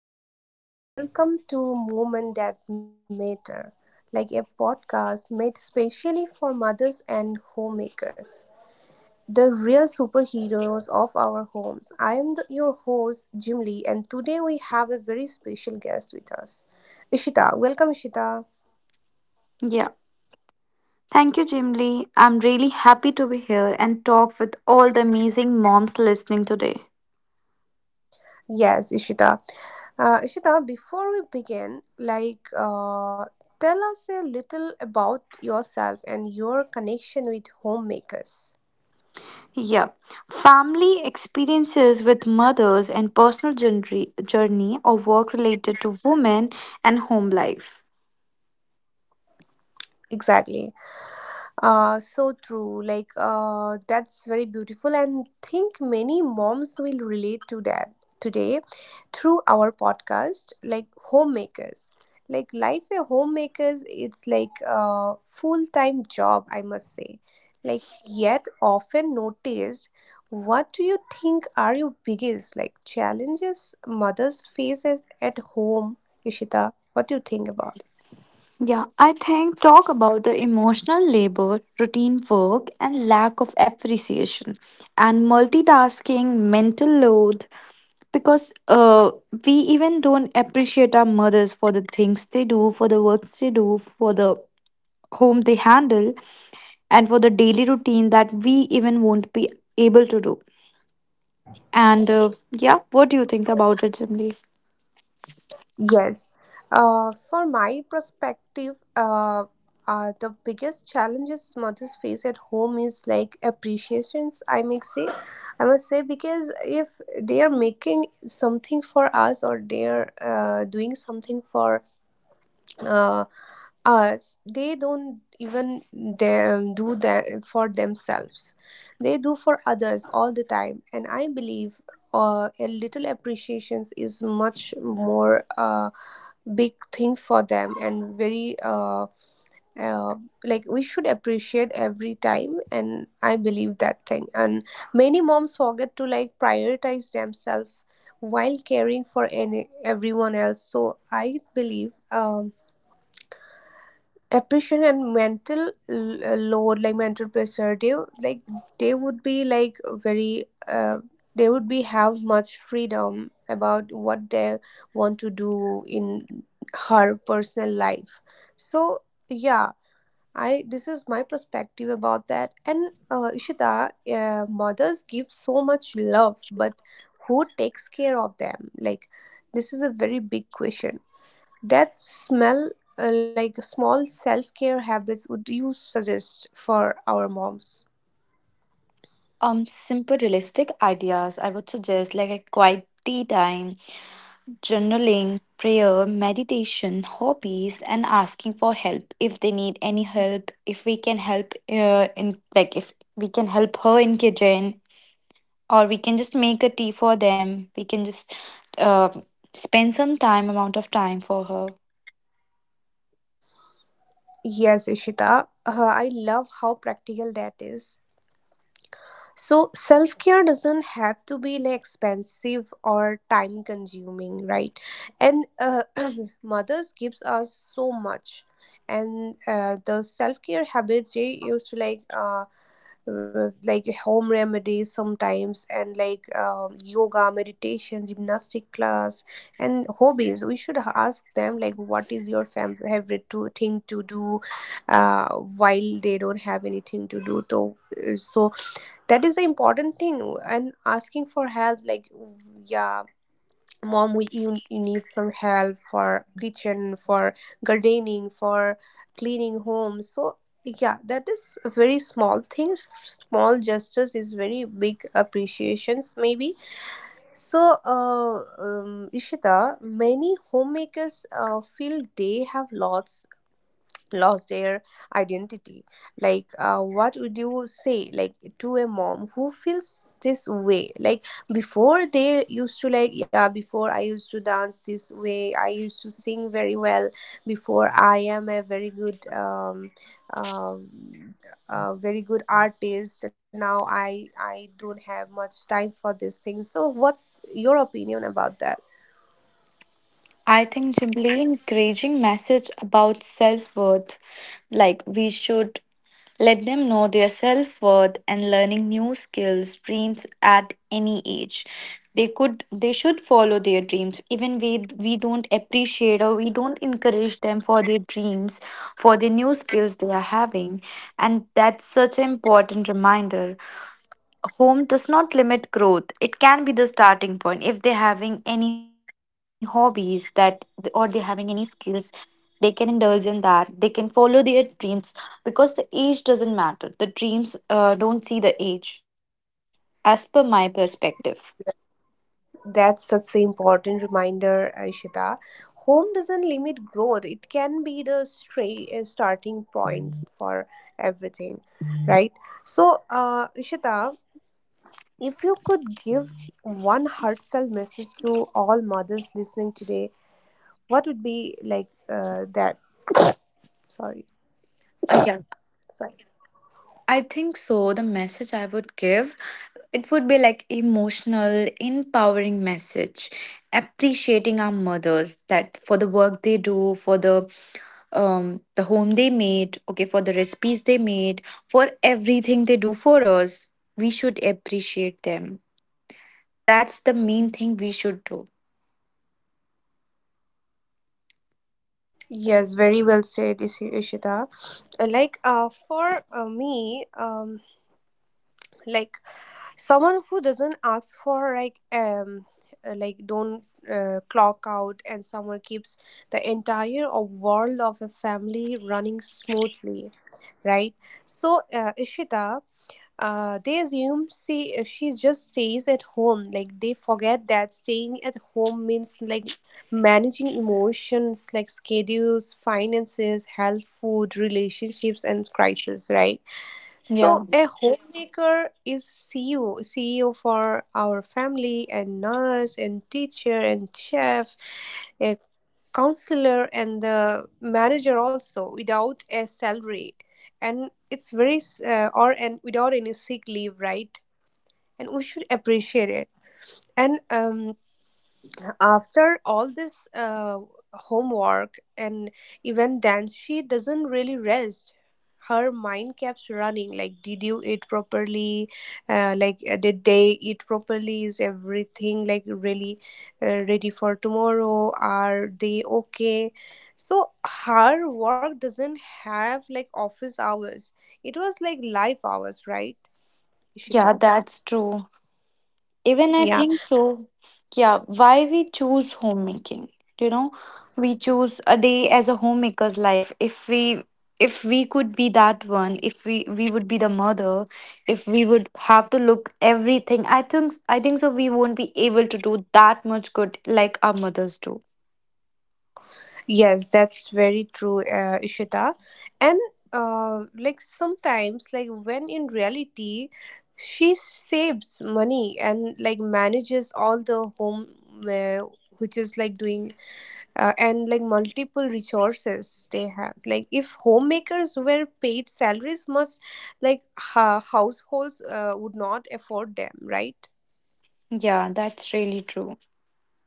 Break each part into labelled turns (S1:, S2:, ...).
S1: everyone, welcome to Moment That Matter, like a podcast made specially for mothers and homemakers, the real superheroes of our homes. I am your host Jim Lee, and today we have a very special guest with us, Ishita. Welcome, Ishita.
S2: Yeah. Thank you, Jim Lee. I'm really happy to be here and talk with all the amazing moms listening today.
S1: Yes, Ishita. Ishita, before we begin, tell us a little about yourself and your connection with homemakers.
S2: Yeah. Family experiences with mothers and personal journey, journey or work related to women and home life.
S1: Exactly. So true. That's very beautiful, and think many moms will relate to that today through our podcast. Like homemakers, like life a homemakers, it's like a full time job, I must say. Like, yet often noticed. What do you think are your biggest like challenges mothers face at home, Ishita? What do you think about?
S2: Yeah, I think talk about the emotional labor, routine work, and lack of appreciation, and multitasking, mental load, because we even don't appreciate our mothers for the things they do, for the works they do, for the home they handle, and for the daily routine that we even won't be able to do. And yeah, what do you think about it, Jimli?
S1: Yes. For my perspective, the biggest challenges mothers face at home is like appreciations, I may say. I must say, because if they are making something for us or they are doing something for uh, us, they don't even, they do that for themselves, they do for others all the time, and I believe a little appreciations is much more big thing for them, and very uh, like we should appreciate every time, and I believe that thing, and many moms forget to like prioritize themselves while caring for any everyone else. So I believe oppression and mental load, like mental pressure, like they would be like very they would be have much freedom about what they want to do in her personal life. So yeah, I this is my perspective about that. And Ishita, mothers give so much love, but who takes care of them? Like this is a very big question. That smell uh, like small self care habits would you suggest for our moms?
S2: Simple, realistic ideas. I would suggest like a quiet tea time, journaling, prayer, meditation, hobbies, and asking for help if they need any help. If we can help, in like if we can help her in kitchen, or we can just make a tea for them. We can just uh, spend some time, amount of time for her.
S1: Yes, Ishita, I love how practical that is. So, self care doesn't have to be like expensive or time consuming, right? And mothers gives us so much, and the self care habits they used to like. Like home remedies sometimes, and like yoga meditation gymnastic class and hobbies, we should ask them like what is your favorite to, thing to do while they don't have anything to do. So that is the important thing, and asking for help like, yeah, mom, you need some help for kitchen, for gardening, for cleaning home. So yeah, that is a very small thing. Small gestures is very big appreciations maybe. So, Ishita, many homemakers feel they have lost their identity. Like what would you say like to a mom who feels this way? Like before they used to like, yeah, before I used to dance this way, I used to sing very well, before I am um a very good artist, now I don't have much time for these things. So what's your opinion about that?
S2: I think simply encouraging message about self worth, like we should let them know their self worth and learning new skills, dreams at any age. They could, they should follow their dreams. Even we don't appreciate or we don't encourage them for their dreams, for the new skills they are having, and that's such an important reminder. Home does not limit growth. It can be the starting point. If they're having any hobbies that or they're having any skills, they can indulge in that. They can follow their dreams, because the age doesn't matter. The dreams don't see the age, as per my perspective.
S1: That's such an important reminder, Ishita. Home doesn't limit growth. It can be the stray starting point for everything, right? So, Ishita, if you could give one heartfelt message to all mothers listening today, what would be like that? Sorry,
S2: Yeah,
S1: sorry.
S2: I think so. The message I would give, it would be like emotional, empowering message, appreciating our mothers, that for the work they do, for the the home they made, okay, for the recipes they made, for everything they do for us. We should appreciate them. That's the main thing we should do.
S1: Yes, very well said, Ishita. Like for me, like someone who doesn't ask for like don't clock out, and someone keeps the entire of world of a family running smoothly, right? So Ishita, they assume she just stays at home. Like they forget that staying at home means like managing emotions, like schedules, finances, health, food, relationships, and crisis, right?
S2: Yeah,
S1: So a homemaker is CEO, CEO for our family, and nurse, and teacher, and chef, a counselor, and the manager, also without a salary, and it's very or and without any sick leave, right? And we should appreciate it. And after all this homework and even dance, she doesn't really rest. Her mind keeps running like, did you eat properly, did they eat properly, is everything like really ready for tomorrow, are they okay? So her work doesn't have like office hours, it was like life hours, right, Ishita?
S2: yeah, that's true. Even I
S1: Yeah.
S2: think so. Yeah, why we choose homemaking? You know, we choose a day as a homemaker's life. If we could be that one, if we would be the mother, if we would have to look everything, I think so we won't be able to do that much good like our mothers do.
S1: Yes, that's very true, Ishita. And like sometimes, like when in reality, she saves money and like manages all the home, uh, which is like doing and like multiple resources they have. Like if homemakers were paid salaries, must like households would not afford them, right?
S2: Yeah, that's really true.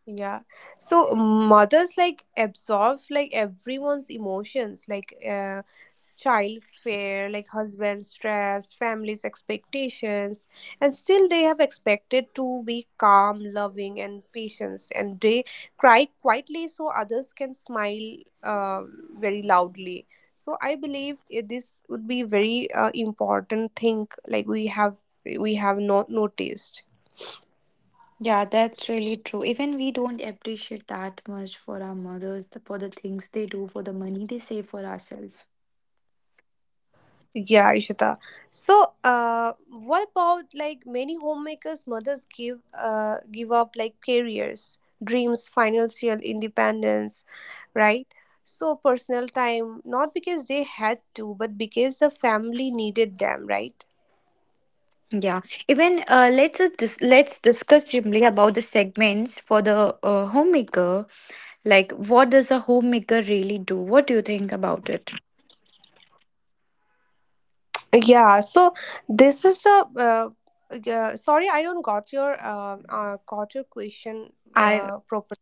S1: Yeah. So mothers like absorb like everyone's emotions, like child's fear, like husband's stress, family's expectations, and still they have expected to be calm, loving, and patient. And they cry quietly so others can smile uh, very loudly. So I believe it, this would be very important thing like we have not noticed.
S2: Yeah, that's really true. Even we don't appreciate that much for our mothers, the- for the things they do, for the money they save for ourselves.
S1: Yeah, Ishita. So, what about like many homemakers, mothers give up like careers, dreams, financial independence, right? So personal time, not because they had to, but because the family needed them, right?
S2: Yeah, even let's discuss briefly about the segments for the homemaker. Like, what does a homemaker really do? What do you think about it?
S3: Yeah, so this is the yeah, sorry, I don't got your question
S2: I
S3: properly.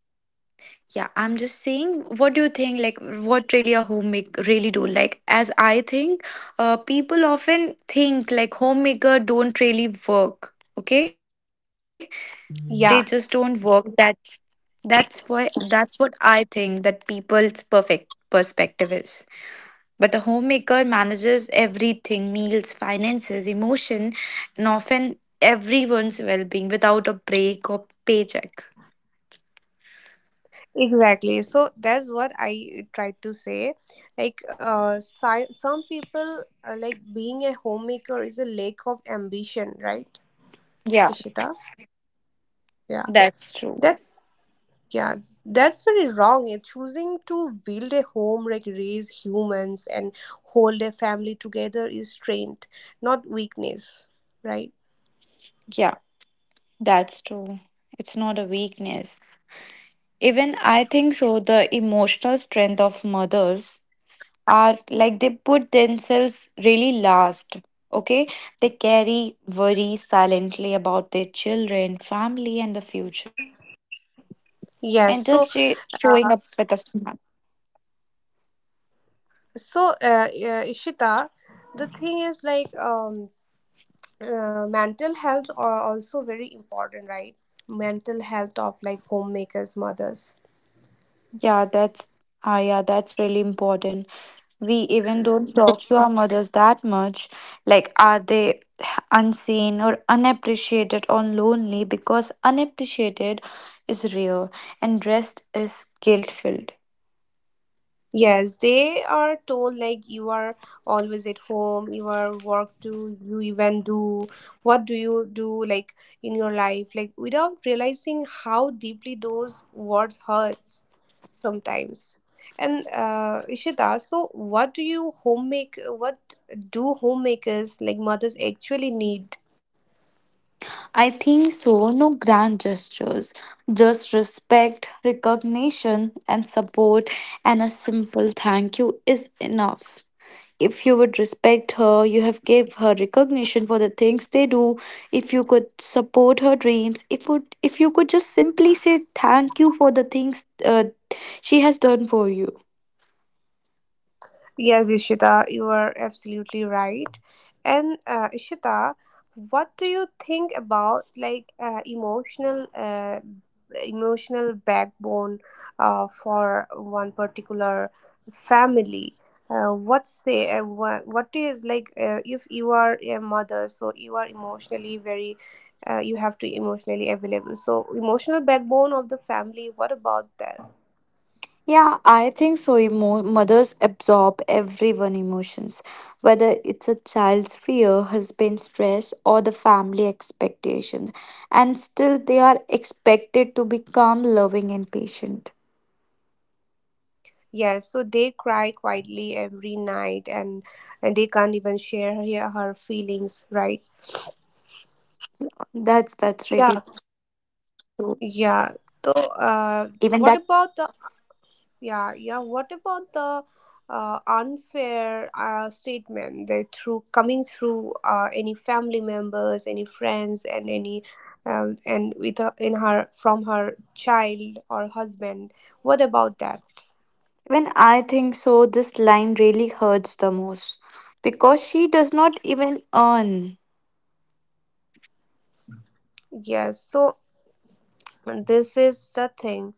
S2: yeah, I'm just saying, what do you think? Like, what really a homemaker really do? Like, as I think, people often think like homemaker don't really work. Okay, they just don't
S3: Yeah,
S2: work. That's what I think that people's perfect perspective is. But a homemaker manages everything: meals, finances, emotion, and often everyone's well being without a break or paycheck.
S3: exactly. So that's what I tried to say. Like, si some people like being a homemaker is a lack of ambition, right,
S2: Yeah,
S3: Ishita? Yeah,
S2: that's true.
S3: that yeah, that's very wrong. Yeah, choosing to build a home, like raise humans and hold a family together is strength, not weakness, right?
S2: Yeah, that's true. It's not a weakness. Even I think so, the emotional strength of mothers are like they put themselves really last. Okay, they carry worry silently about their children, family, and the future, and just
S3: Yes,
S2: showing up with a
S3: uh,
S2: smile.
S3: so Ishita, the thing is like mental health are also very important, right? Mental health of like homemakers, mothers.
S2: Yeah, that's ah yeah, that's really important. We even don't talk to our mothers that much. Like, are they unseen or unappreciated or lonely? Because unappreciated is rare and rest is guilt filled.
S3: Yes, they are told like you are always at home, you are work do you even do what do you do like in your life like without realizing how deeply those words hurts sometimes. And Ishita, so what do you homemake what do homemakers like mothers actually need?
S2: I think so. No grand gestures, just respect, recognition, and support, and a simple thank you is enough. If you would respect her, you have gave her recognition for the things they do. If you could support her dreams, if would, if you could just simply say thank you for the things she has done for you.
S3: Yes, Ishita, you are absolutely right. And Ishita, what do you think about like emotional emotional backbone for one particular family? What say what is like if you are a mother, so you are emotionally very you have to emotionally available so emotional backbone of the family what about that?
S2: Yeah, I think so. Mothers absorb everyone emotions, whether it's a child's fear, husband stress, or the family expectations, and still they are expected to be calm, loving, and patient.
S3: Yes, so they cry quietly every night and they can't even share her feelings, right?
S2: That's really
S3: Yeah,
S2: true.
S3: yeah. So,
S2: Even that,
S3: what about the yeah, yeah. What about the unfair statement that through coming through any family members, any friends, and any and with her, in her from her child or husband? What about that?
S2: when I think so, this line really hurts the most because she does not even earn.
S3: Yes. So this is the thing.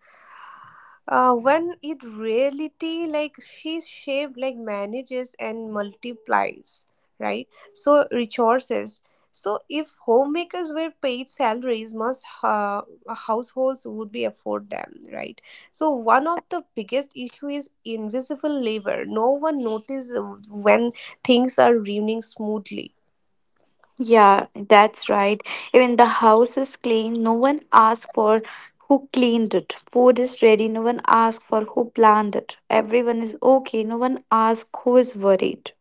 S3: When in reality, like she shape like manages and multiplies, right? So resources. So if homemakers were paid salaries, most households would be afford them, right? So one of the biggest issue is invisible labor. No one notices when things are running smoothly.
S2: Yeah, that's right. Even the house is clean, no one asks for who cleaned it. Food is ready, no one asks for who planned it. Everyone is okay, no one asks who is worried.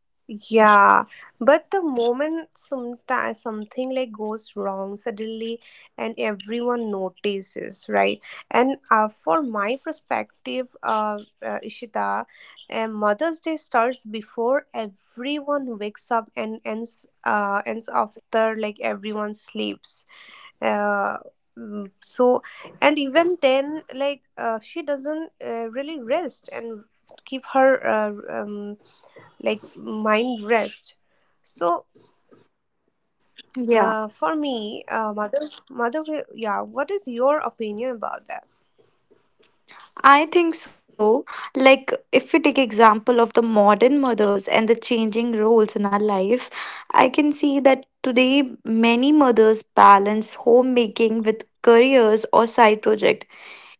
S3: Yeah, but the moment sometimes something like goes wrong suddenly and everyone notices, right? And for my perspective, Ishita, Mother's Day starts before everyone wakes up and ends ends after like everyone sleeps. Uh, so and even then like she doesn't really rest and keep her um, like mind rest so for
S2: Yeah.
S3: me mother will, yeah, what is your opinion about that?
S2: I think so. Like if we take example of the modern mothers and the changing roles in our life, I can see that today many mothers balance homemaking with careers or side project.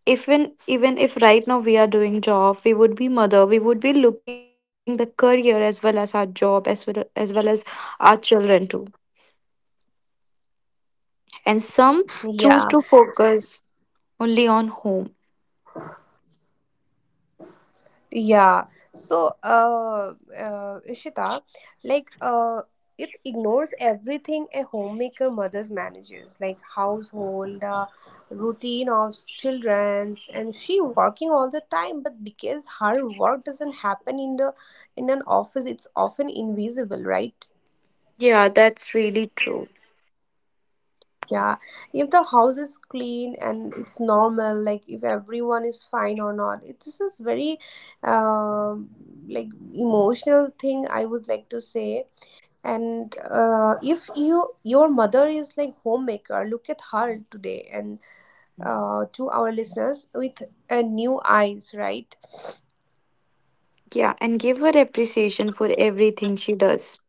S2: Even if right now we are doing job, we would be mother, we would be looking the career as well as our job as well as our children too. And some choose to
S3: Yeah,
S2: focus only on home.
S3: yeah, so ishita, like it ignores everything a homemaker mother's manages like household routine of children's and she working all the time but because her work doesn't happen in an office it's often invisible right?
S2: Yeah, that's really true.
S3: Yeah, if the house is clean and it's normal, like if everyone is fine or not, it, this is very um like emotional thing I would like to say. And if you your mother is like homemaker, look at her today and to our listeners with new eyes, right?
S2: Yeah, and give her appreciation for everything she does.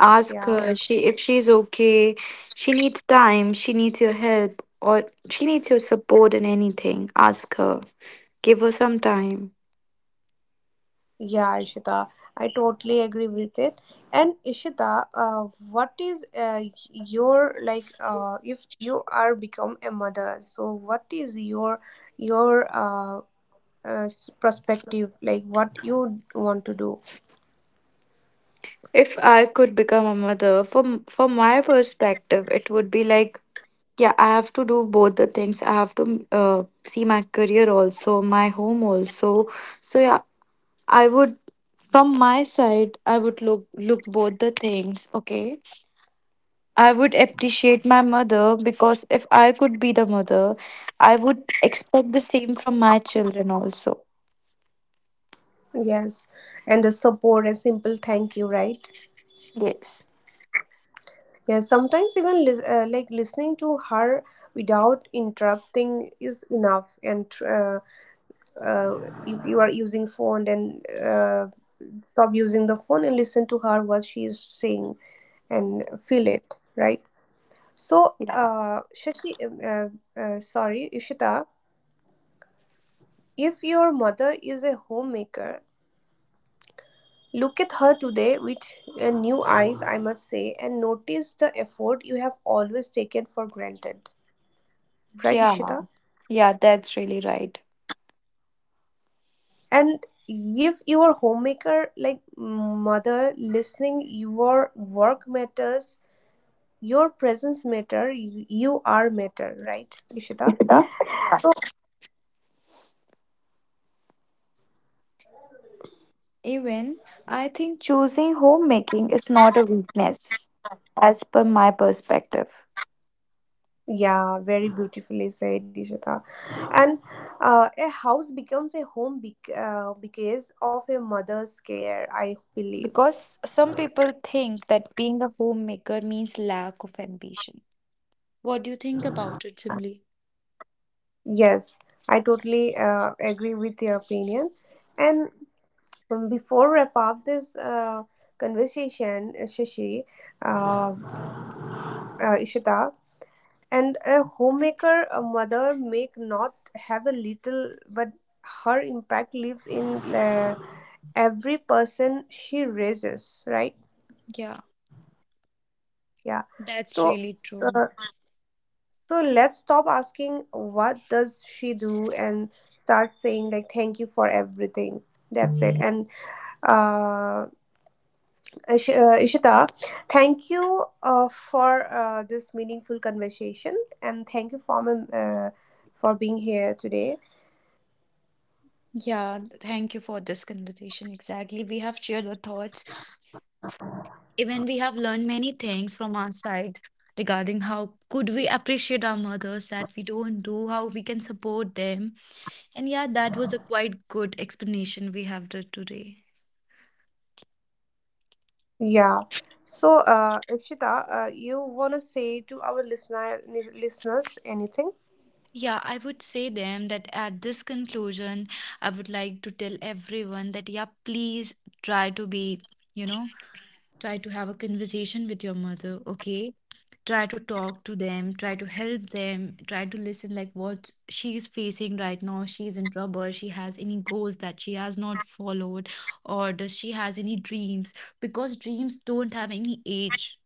S2: Ask
S3: Yeah.
S2: her. Yeah, she, if she's okay, she needs time, she needs your help, or she needs your support in anything. Ask her. Give her some time.
S3: Yeah, Ishita, I totally agree with it. And Ishita, what is your like if you are become a mother, so what is your perspective like what you want to do?
S2: If I could become a mother, from my perspective, it would be like, yeah, I have to do both the things. I have to see my career also, my home also. So yeah, I would, from my side, I would look both the things. Okay, I would appreciate my mother because if I could be the mother, I would expect the same from my children also.
S3: Yes, and the support, a simple thank you, right?
S2: Yes.
S3: Yeah, sometimes even like listening to her without interrupting is enough. And uh, if you are using phone, then stop using the phone and listen to her what she is saying and feel it, right? So,
S2: Yeah.
S3: sorry, Ishita, if your mother is a homemaker, look at her today with new eyes, I must say, and notice the effort you have always taken for granted, right,
S2: Yeah.
S3: ishita?
S2: Yeah, that's really right.
S3: And if you are homemaker like mother listening your work matters your presence matter you, you are matter right ishita
S2: Ikita?
S3: so
S2: Even I think choosing homemaking is not a weakness, as per my perspective.
S3: yeah, very beautifully said ishita. And a house becomes a home because of a mother's care, I believe.
S2: Because some people think that being a homemaker means lack of ambition. What do you think about it, Chimli?
S3: Yes, I totally agree with your opinion. And before wrap up this conversation, uh, Ishita, and a homemaker, a mother may not have a little, but her impact lives in every person she raises, right?
S2: Yeah,
S3: Yeah.
S2: that's
S3: So,
S2: really true.
S3: uh, so let's stop asking what does she do and start saying like thank you for everything. That's it. And uh, Ishita, thank you for this meaningful conversation and thank you for my, for being here today.
S2: Yeah, thank you for this conversation. Exactly. We have shared our thoughts. Even we have learned many things from our side regarding how could we appreciate our mothers that we don't do, how we can support them. And yeah, that was a quite good explanation we have did today.
S3: Yeah. So, Ishita, you want to say to our listeners anything?
S2: Yeah, I would say them that at this conclusion, I would like to tell everyone that yeah, please try to be, you know, try to have a conversation with your mother, okay? Try to talk to them, try to help them, try to listen like what she is facing right now, she's in trouble, she has any goals that she has not followed, or does she has any dreams, because dreams don't have any age.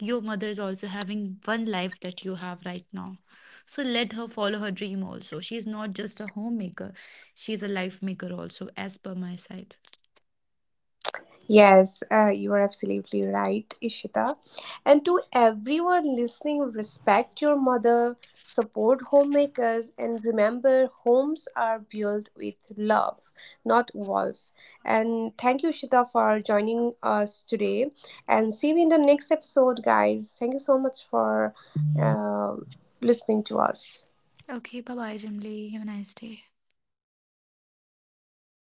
S2: Your mother is also having one life that you have right now, so let her follow her dream also. She is not just a homemaker, she is a life maker also, as per my side.
S3: Yes, you are absolutely right, Ishita. And to everyone listening, respect your mother, support homemakers, and remember homes are built with love, not walls. And thank you, Ishita, for joining us today. And see you in the next episode, guys. Thank you so much for uh, listening to us.
S2: Okay, bye bye, Jimly. Have a nice day.